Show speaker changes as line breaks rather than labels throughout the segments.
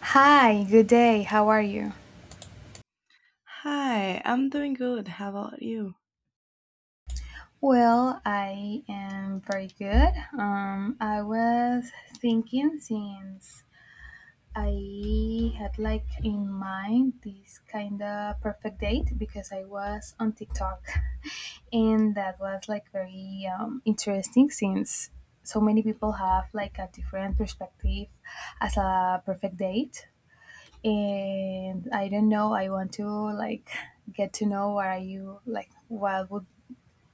Hi, good day. How are you?
Hi, I'm doing good. How about you?
Well, I am very good. I was thinking since I had like in mind this kind of perfect date because I was on TikTok and that was like very interesting since so many people have like a different perspective as a perfect date, and I don't know. I want to like get to know what are you like. What would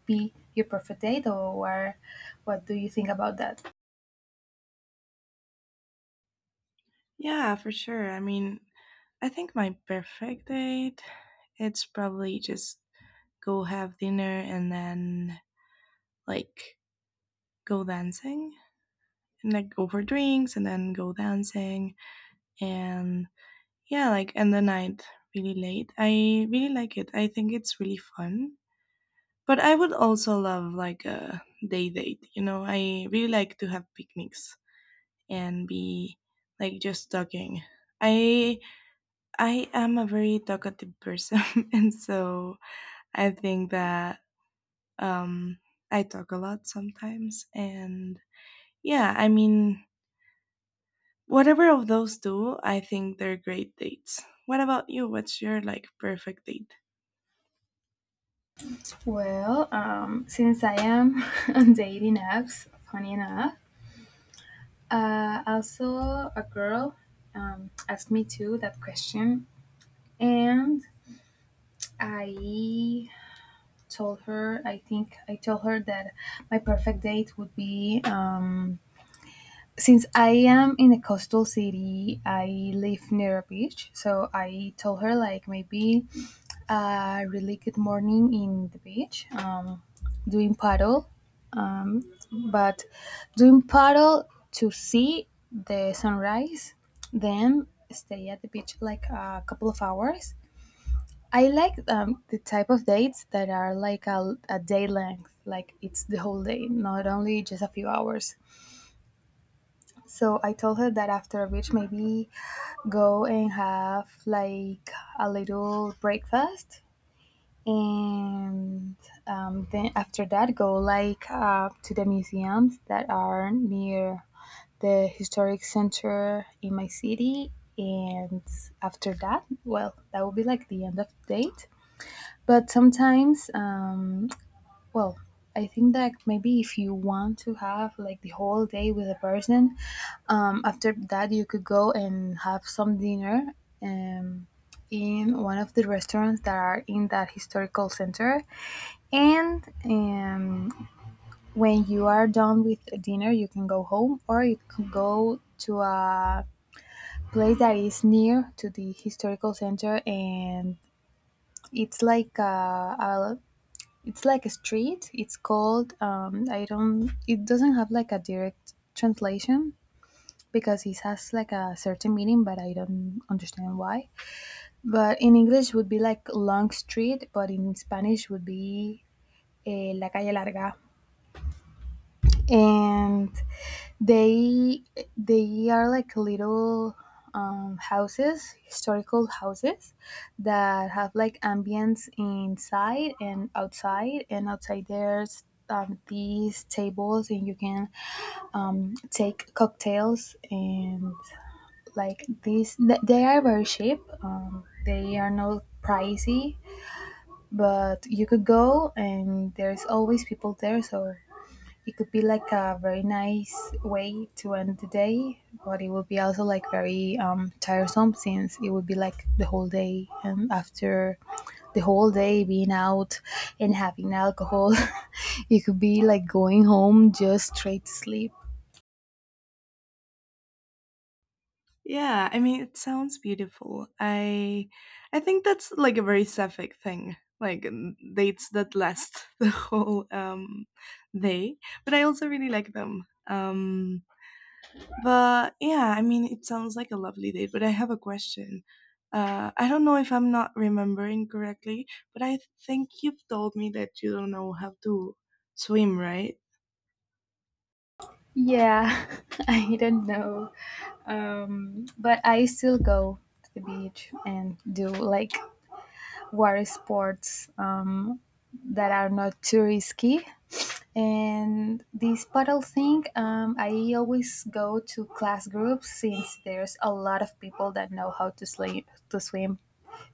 be your perfect date, or what? What do you think about that?
Yeah, for sure. I think my perfect date, it's probably just go have dinner and then like go dancing and like go for drinks and then go dancing and yeah, like end the night really late. I really like it. I think it's really fun. But I would also love like a day date. You know, I really like to have picnics. And be like just talking. I I am a very talkative person, and so I think that um, I talk a lot sometimes. And yeah, whatever of those two, I think they're great dates. What about you? What's your like perfect date?
Well, since I am on dating apps, funny enough, also a girl asked me too that question, and I told her. I think I told her that my perfect date would be. Since I am in a coastal city, I live near a beach. So I told her like maybe a really good morning in the beach, doing paddle, but doing paddle to see the sunrise, then stay at the beach like a couple of hours. I like the type of dates that are like a day length, like it's the whole day, not only just a few hours. So I told her that after a beach, maybe go and have like a little breakfast, and then after that go like to the museums that are near the historic center in my city. And after that, well, that will be like the end of the date. But sometimes, well, I think that maybe if you want to have like the whole day with a person, after that you could go and have some dinner um, in one of the restaurants that are in that historical center. And when you are done with dinner, you can go home or you can go to a place that is near to the historical center. And it's like a, a it's like a street. It's called. I don't. It doesn't have like a direct translation because it has like a certain meaning, but I don't understand why. But in English would be like long street, but in Spanish would be la calle larga. And They they are like little houses, historical houses that have like ambience inside and outside. And outside there's these tables, and you can take cocktails and like these. They are very cheap. They are not pricey, but you could go, and there's always people there, so it could be like a very nice way to end the day. But it would be also like very tiresome since it would be like the whole day, and after the whole day being out and having alcohol, you could be like going home just straight to sleep.
Yeah, I mean, it sounds beautiful. I think that's like a very sapphic thing, like dates that last the whole day. But I also really like them. But yeah, I mean, it sounds like a lovely date, but I have a question. I don't know if I'm not remembering correctly, but I think you've told me that you don't know how to swim, right?
Yeah, I don't know. But I still go to the beach and do like water sports that are not too risky. And this paddle thing, I always go to class groups since there's a lot of people that know how to swim. To swim,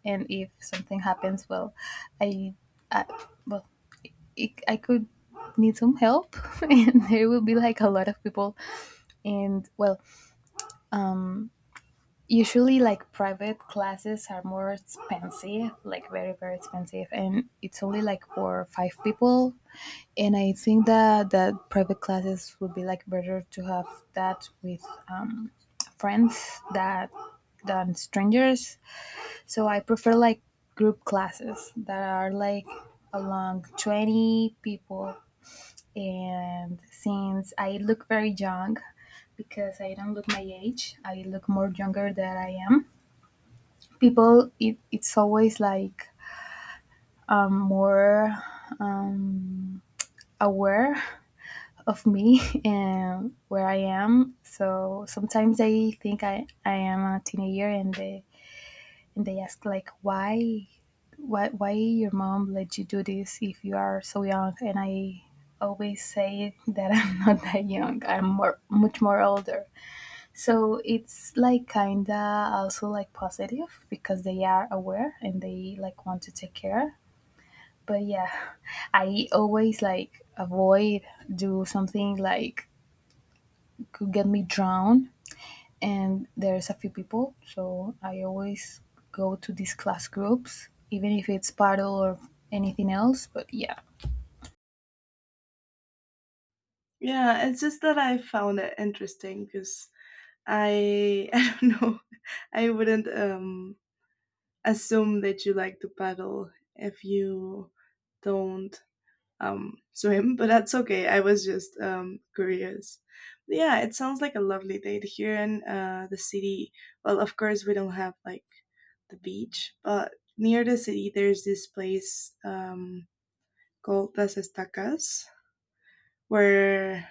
and if something happens, well, I, I well, I could need some help, and there will be like a lot of people. And well, usually like private classes are more expensive, like very very expensive, and it's only like for five people. And I think that private classes would be like better to have that with friends that than strangers. So I prefer like group classes that are like along 20 people. And since I look very young, because I don't look my age, I look more younger than I am. People, it's always like more um, aware of me and where I am. So sometimes I think I am a teenager, and they ask like why your mom let you do this if you are so young. And I always say that I'm not that young. I'm more much more older. So it's like kinda also like positive because they are aware and they like want to take care. But yeah, I always like avoid do something like could get me drowned. And there's a few people, so I always go to these class groups, even if it's paddle or anything else, but yeah.
Yeah, it's just that I found it interesting because I I don't know. I wouldn't assume that you like to paddle if you don't swim, but that's okay. I was just curious. Yeah, it sounds like a lovely day here in the city. Well, of course, we don't have like the beach, but near the city, there's this place called Las Estacas, where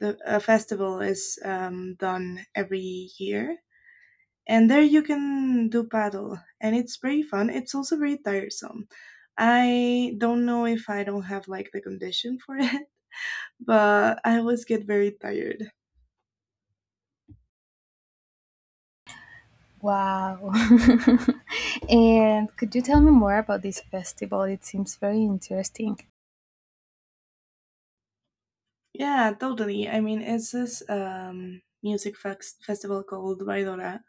the a festival is done every year, and there you can do paddle, and it's very fun. It's also very tiresome. I don't know if I don't have like the condition for it, but I always get very tired.
Wow. And could you tell me more about this festival? It seems very interesting.
Yeah, totally. It's this festival called Baidora,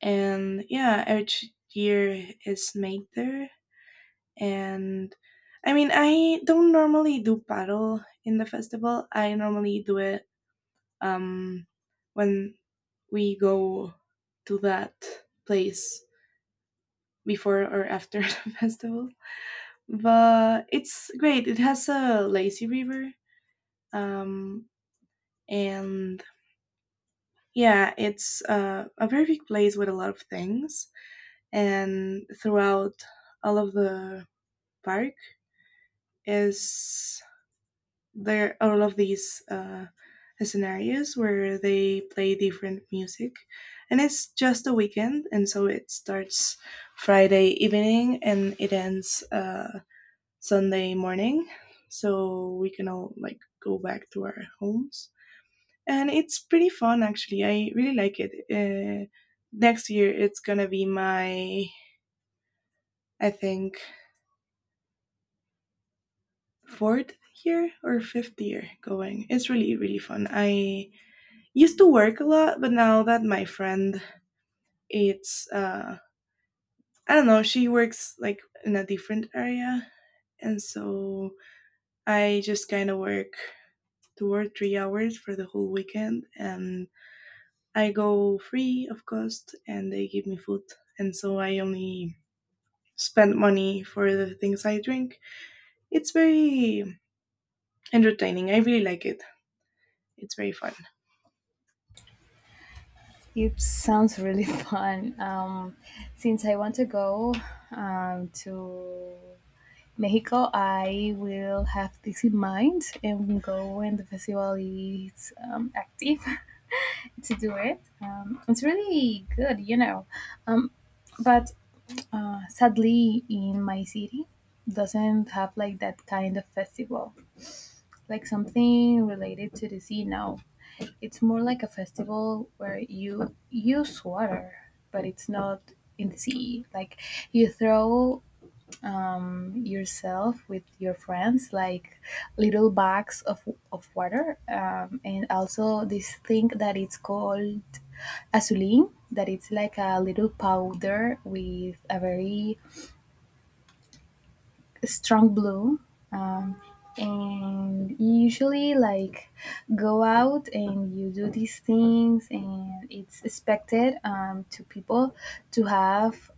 and yeah, each year is made there. And I don't normally do paddle in the festival. I normally do it um, when we go to that place before or after the festival. But it's great. It has a lazy river, um, and yeah, it's a very big place with a lot of things. And throughout all of the park, is there all of these scenarios where they play different music, and it's just a weekend, and so it starts Friday evening and it ends Sunday morning, so we can all like go back to our homes. And it's pretty fun, actually. I really like it. Next year it's gonna be my, I think, fourth year or fifth year going. It's really really fun. I used to work a lot, but now that my friend, it's I don't know, she works like in a different area, and so I just kind of work 2 or 3 hours for the whole weekend, and I go free of cost and they give me food, and so I only spend money for the things I drink. It's very entertaining. I really like it. It's very fun.
It sounds really fun. Since I want to go to Mexico, I will have this in mind and go when the festival is active to do it. It's really good. Um, but sadly, in my city, doesn't have like that kind of festival, like something related to the sea. No, it's more like a festival where you use water, but it's not in the sea. Like you throw yourself with your friends, like little bags of water, and also this thing that it's called azulin, that it's like a little powder with a very strong blue. Um, and you usually like go out and you do these things, and it's expected to people to have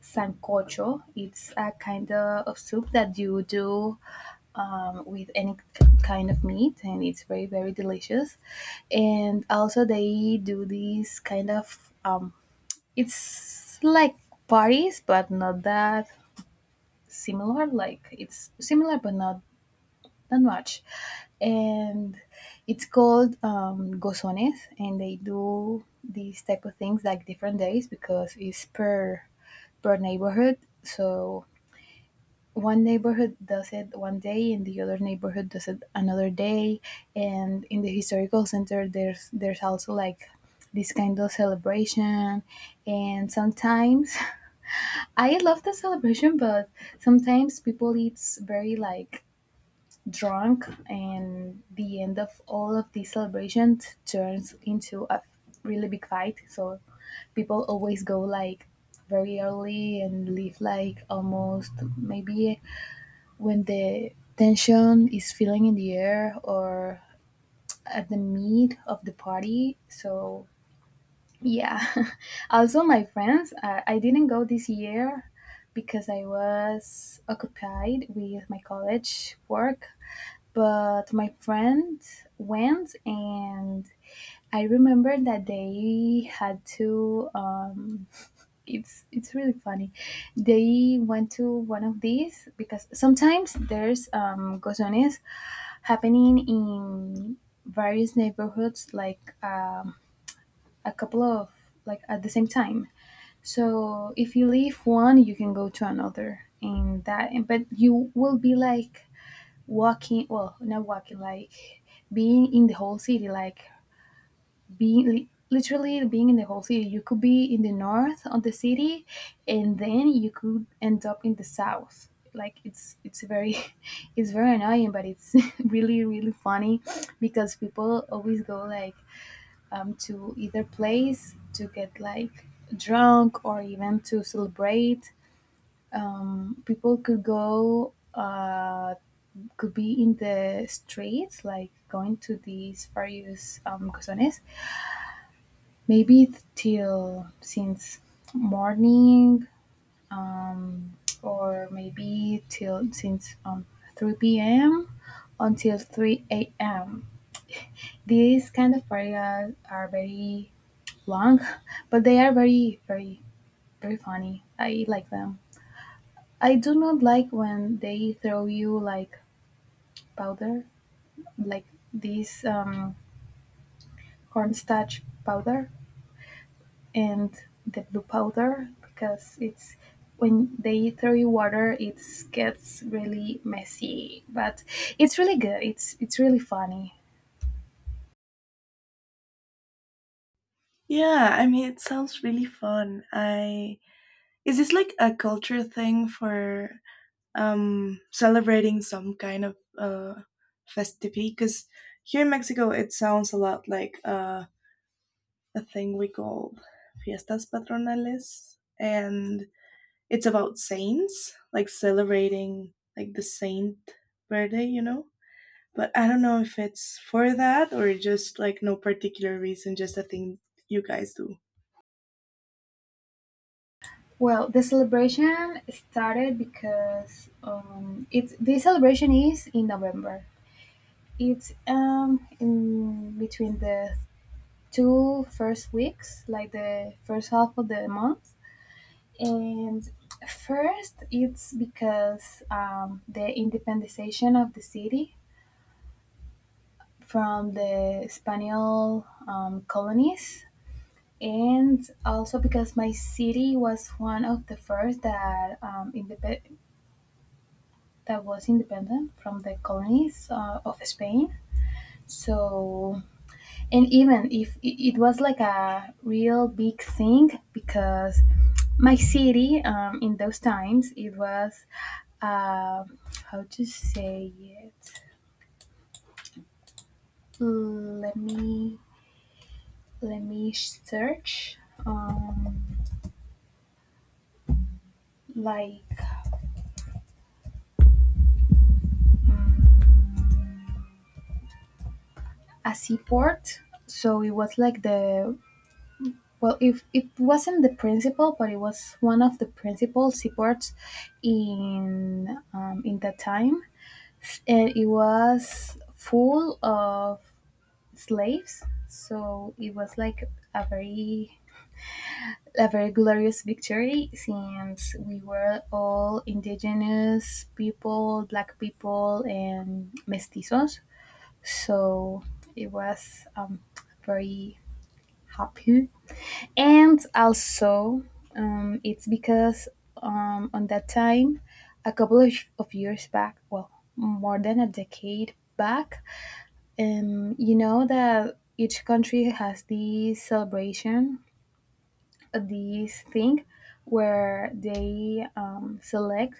sancocho. It's a kind of soup that you do with any kind of meat, and it's very very delicious. And also they do these kind of it's like parties, but not that similar. Like it's similar, but not that much. And it's called gozones, and they do these type of things like different days because it's per neighborhood. So one neighborhood does it one day, and the other neighborhood does it another day. And in the historical center, there's also like this kind of celebration. And sometimes I love the celebration, but sometimes people it's very like drunk, and the end of all of these celebrations turns into a really big fight. So people always go like very early and leave like almost maybe when the tension is feeling in the air or at the meat of the party. So, yeah. Also, my friends, I didn't go this year because I was occupied with my college work, but my friends went. And I remember that they had to. It's really funny. They went to one of these because sometimes there's gozones happening in various neighborhoods, like a couple of like at the same time. So if you leave one, you can go to another, and that. But you will be like walking, well, not walking, like being in the whole city, like being literally being in the whole city. You could be in the north of the city, and then you could end up in the south. Like it's very it's very annoying, but it's really really funny because people always go like to either place to get like drunk or even to celebrate. People could go could be in the streets like going to these various corazones. Maybe till since morning, um, or maybe till since 3 p.m. until 3 a.m. These kind of areas are very long, but they are very, very, very funny. I like them. I do not like when they throw you like powder, like this cornstarch powder and the blue powder, because it's when they throw you water, it gets really messy. But it's really good. It's really funny.
Yeah, I mean it sounds really fun. I Is this like a culture thing for celebrating some kind of festivity? Because here in Mexico, it sounds a lot like a thing we call fiestas patronales, and it's about saints, like celebrating like the saint birthday, you know. But I don't know if it's for that or just like no particular reason, just a thing you guys do.
Well, the celebration started because it's the celebration is in November. It's in between the 2 first weeks, like the first half of the month. And first it's because the independization of the city from the Spanish colonies. And also because my city was one of the first that was independent from the colonies of Spain. So, and even if it was like a real big thing because my city in those times it was uh, how to say it. Let me let me search um like um, a seaport. So it was like the well, if it wasn't the principal, but it was one of the principal seaports in in that time, and it was full of slaves. So it was like a very a very glorious victory since we were all indigenous people, black people, and mestizos. So it was very happy. And also, it's because on that time, a couple of years back, well, more than a decade back, you know that each country has this celebration, this thing where they select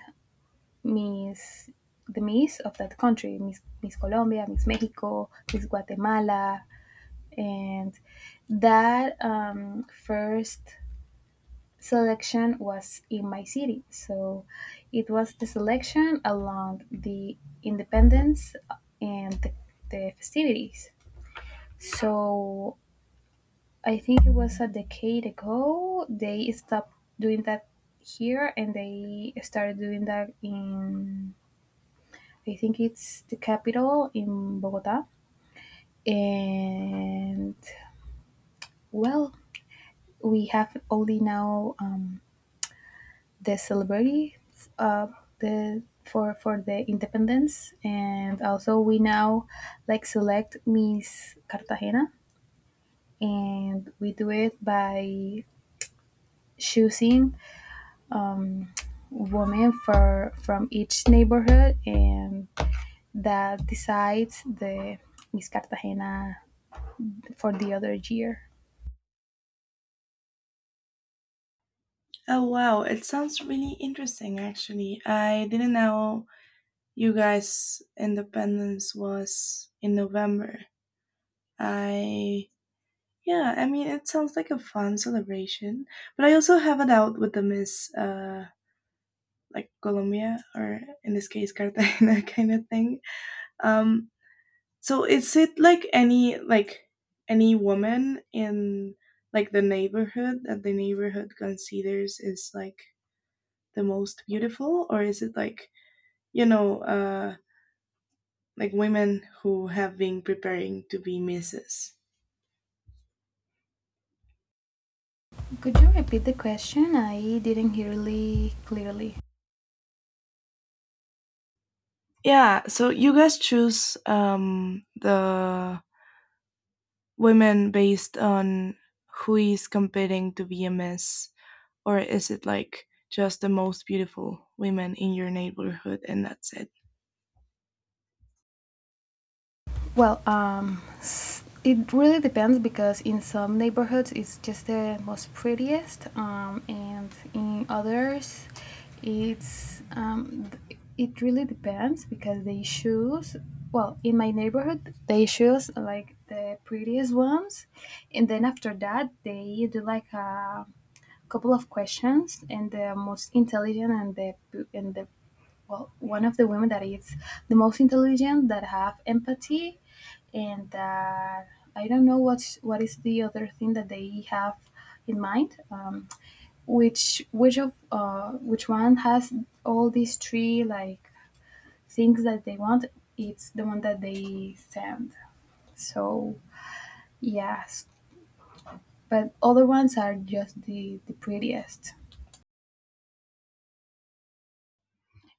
miss, the miss of that country: miss Colombia, Miss Mexico, Miss Guatemala. And that first selection was in my city. So it was the selection along the independence and the festivities. So I think it was a decade ago they stopped doing that here, and they started doing that in, I think it's the capital, in Bogota. And, well, we have only now the celebrity, uh, the, for the independence. And also we now like select Miss Cartagena, and we do it by choosing um, women for from each neighborhood, and that decides the Miss Cartagena for the other year.
Oh wow, it sounds really interesting actually. I didn't know you guys' independence was in November. I Yeah, I mean it sounds like a fun celebration, but I also have it out with the Miss like Colombia, or in this case Cartagena, kind of thing. Um so is it like any woman in like the neighborhood that the neighborhood considers is like the most beautiful, or is it like you know like women who have been preparing to be misses?
Could you repeat the question? I didn't hear really clearly.
Yeah, so you guys choose the women based on who is competing to be a miss, or is it like just the most beautiful women in your neighborhood and that's it?
Well, it really depends, because in some neighborhoods it's just the most prettiest, and in others, it's, it really depends because they choose. Well, in my neighborhood, they choose like the prettiest ones, and then after that, they do like a couple of questions, and the most intelligent, and the well, one of the women that is the most intelligent, that have empathy, and that, I don't know what's what is the other thing that they have in mind. Which of, which one has all these three like things that they want, it's the one that they send. So yes, but other ones are just the prettiest.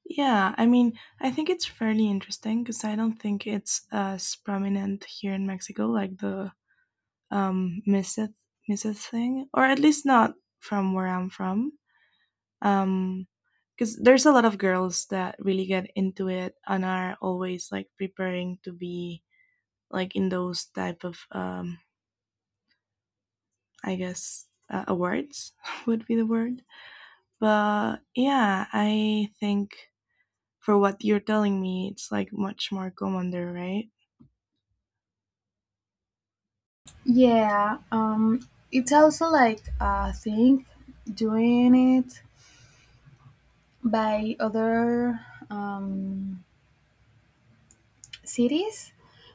Yeah, I mean, I think it's fairly interesting because I don't think it's as prominent here in Mexico, like the um Mrs. Mrs. thing, or at least not from where I'm from. Um, because there's a lot of girls that really get into it and are always like preparing to be like in those type of I guess awards would be the word. But yeah, I think for what you're telling me, it's like much more common there, right?
Yeah, it's also like a thing, doing it by other um, cities.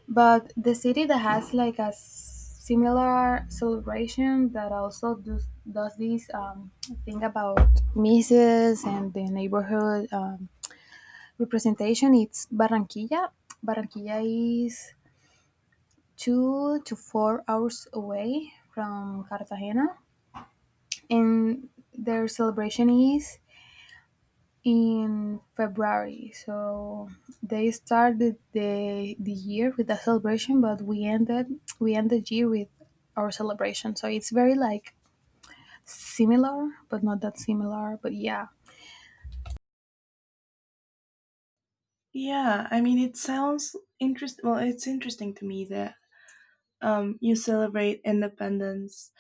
But the city that has like a similar celebration that also does this thing about misses and the neighborhood representation, it's Barranquilla. Barranquilla is 2 to 4 hours away from Cartagena, and their celebration is in February. So they started the year with a celebration, but we end the year with our celebration. So it's very like similar, but not that similar. But yeah,
Yeah, I mean, it sounds interesting. Well, it's interesting to me that you celebrate independence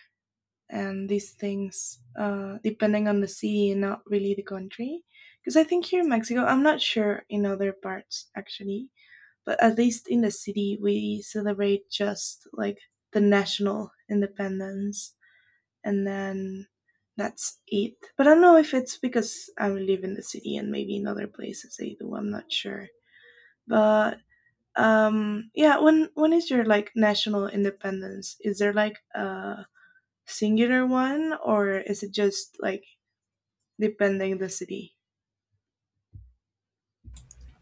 and these things depending on the city and not really the country. Because I think here in Mexico, I'm not sure in other parts actually, but at least in the city, we celebrate just like the national independence, and then that's it. But I don't know if it's because I live in the city and maybe in other places they do, I'm not sure. But yeah, when is your like national independence? Is there like a singular one, or is it just like depending the city?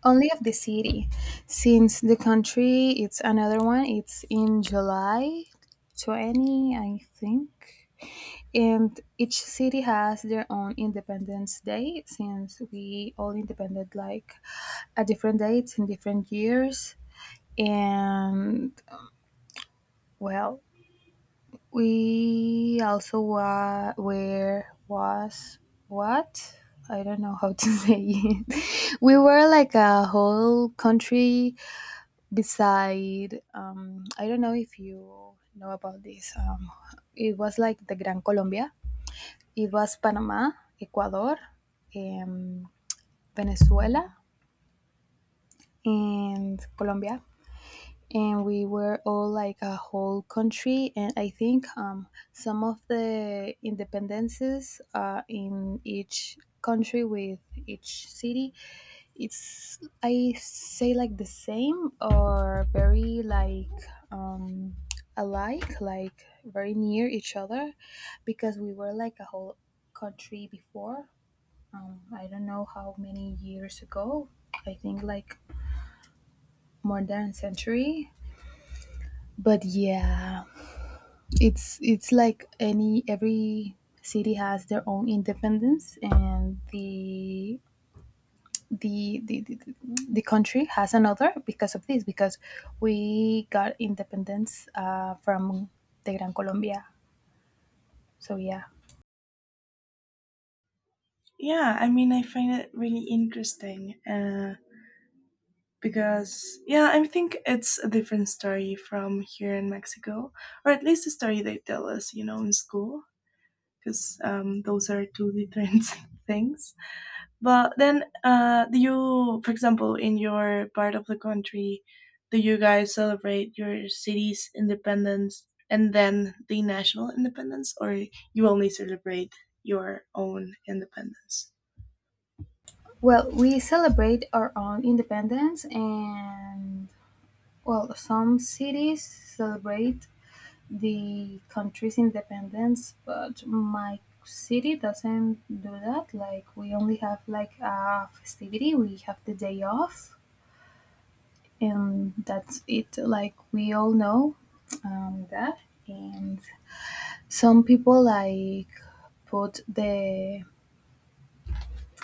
only of the city, since the country, it's another one. It's in July 20, I think. And each city has their own Independence Day, since we all independent like at different dates in different years. And, well, we also wa- were was, what? I don't know how to say it. We were like a whole country beside. I don't know if you know about this. It was like the Gran Colombia. It was Panama, Ecuador, um, Venezuela, and Colombia. And we were all like a whole country. And I think, some of the independences, in each country with each city, it's, I say, like the same or very like, um, alike, like very near each other, because we were like a whole country before, I don't know how many years ago. I think like more than a century. But yeah, it's like any, every city has their own independence, and the, the country has another, because of this, because we got independence from the Gran Colombia. So yeah.
Yeah, I mean, I find it really interesting, because yeah, I think it's a different story from here in Mexico, or at least the story they tell us, you know, in school, because those are two different things. But then, do you, for example, in your part of the country, do you guys celebrate your city's independence and then the national independence, or you only celebrate your own independence?
Well, we celebrate our own independence, and, well, some cities celebrate the country's independence, but my city doesn't do that. Like, we only have like a festivity, we have the day off, and that's it. Like, we all know, that, and some people like put the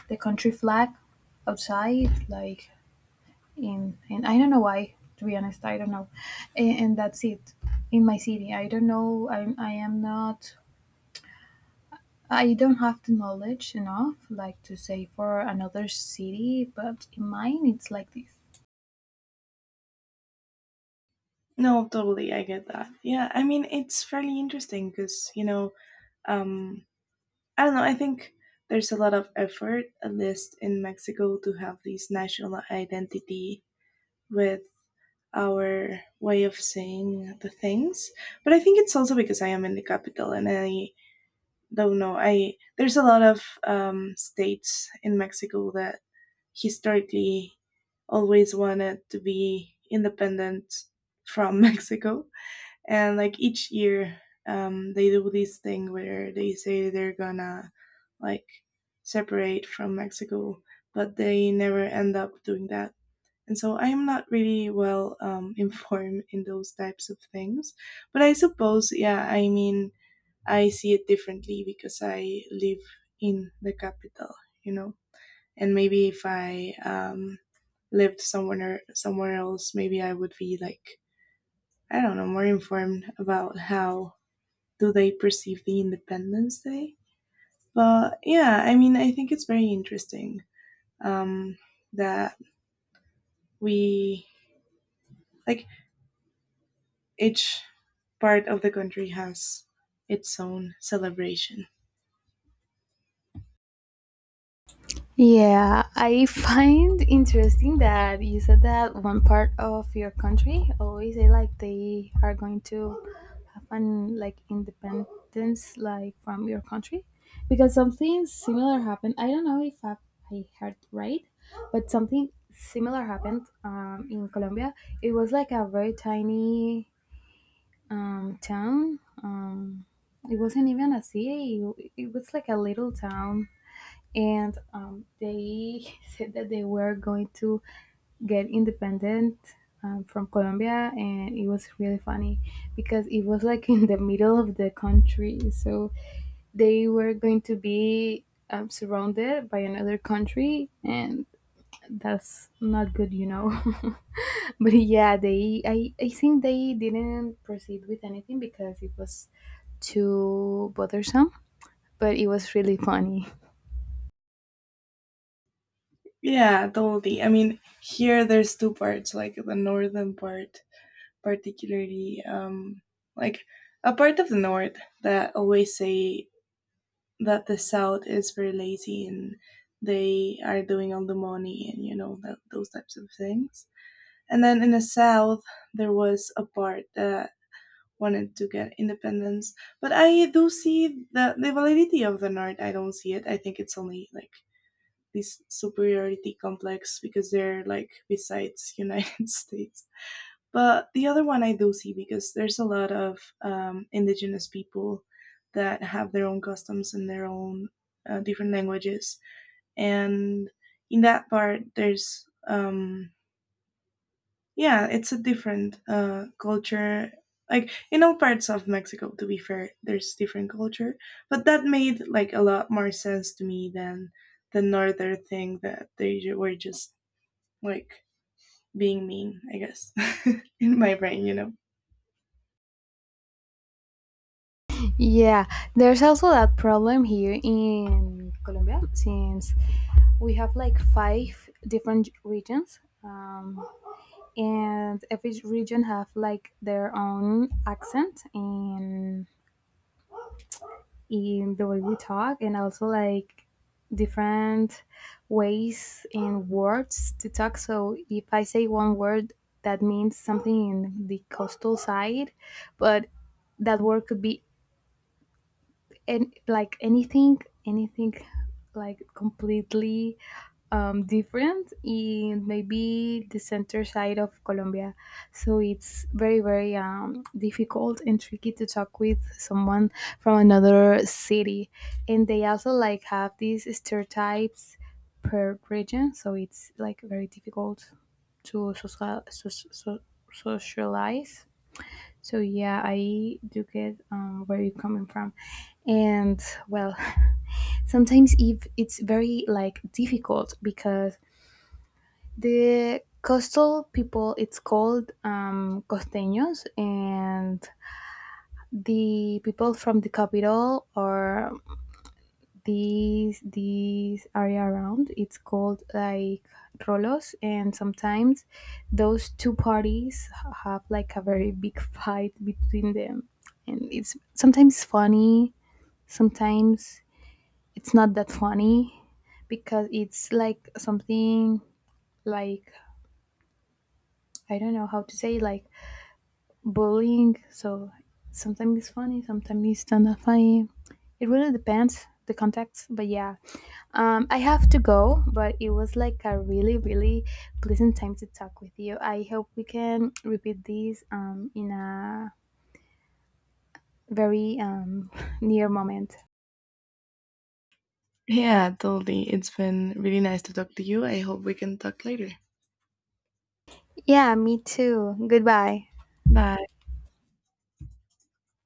the country flag outside, like, in, and I don't know why. To be honest, I don't know, and that's it. In my city, I don't know. I am not, I don't have the knowledge enough, like, to say for another city, but in mine it's like this.
No, totally, I get that. Yeah, I mean, it's fairly interesting because, you know, um, I don't know. I think there's a lot of effort, at least in Mexico, to have this national identity with our way of saying the things. But I think it's also because I am in the capital, and I don't know. I There's a lot of states in Mexico that historically always wanted to be independent from Mexico, and like each year they do this thing where they say they're gonna like separate from Mexico, but they never end up doing that. And so I am not really well informed in those types of things, but I suppose, yeah, I mean, I see it differently because I live in the capital, you know. And maybe if I lived somewhere else, maybe I would be like, I don't know, more informed about how do they perceive the Independence Day? But yeah, I mean, I think it's very interesting um, that we like each part of the country has its own celebration.
Yeah, I find interesting that you said that one part of your country always say like they are going to have an, like, independence like from your country, because something similar happened. I don't know if I heard right, but something similar happened in Colombia. It was like a very tiny town. It wasn't even a city. It was like a little town, and they said that they were going to get independent from Colombia, and it was really funny because it was like in the middle of the country, so they were going to be surrounded by another country, and that's not good, you know. But yeah, they, I think they didn't proceed with anything because it was too bothersome, but it was really funny.
Yeah, totally. I mean, here there's two parts, like the northern part, particularly like a part of the north that always say that the south is very lazy and they are doing all the money and you know that those types of things. And then in the south, there was a part that wanted to get independence. But I do see the validity of the north. I don't see it. I think it's only like this superiority complex because they're like besides United States. But the other one I do see because there's a lot of indigenous people that have their own customs and their own different languages. And in that part, there's yeah, it's a different culture. Like in all parts of Mexico, to be fair, there's different culture, but that made like a lot more sense to me than the northern thing that they were just like being mean, I guess, in my brain, you know.
Yeah, there's also that problem here in Colombia, since we have like five different regions, and every region have like their own accent and in the way we talk, and also like different ways in words to talk. So if I say one word that means something in the coastal side, but that word could be, and like anything, anything like completely different in maybe the center side of Colombia. So it's very, very difficult and tricky to talk with someone from another city. And they also like have these stereotypes per region. So it's like very difficult to social, socialize. So yeah, I do get, where you're coming from, and, well, sometimes if it's very like difficult, because the coastal people, it's called, costeños, and the people from the capital are these area around, it's called like rolos. And sometimes those two parties have like a very big fight between them, and it's sometimes funny, sometimes it's not that funny, because it's like something like, I don't know how to say like, bullying. So sometimes it's funny, sometimes it's not funny. It really depends the context. But yeah, I have to go. But it was like a really, really pleasant time to talk with you. I hope we can repeat this in a very near moment.
Yeah, totally. It's been really nice to talk to you. I hope we can talk later.
Yeah, me too. Goodbye.
Bye.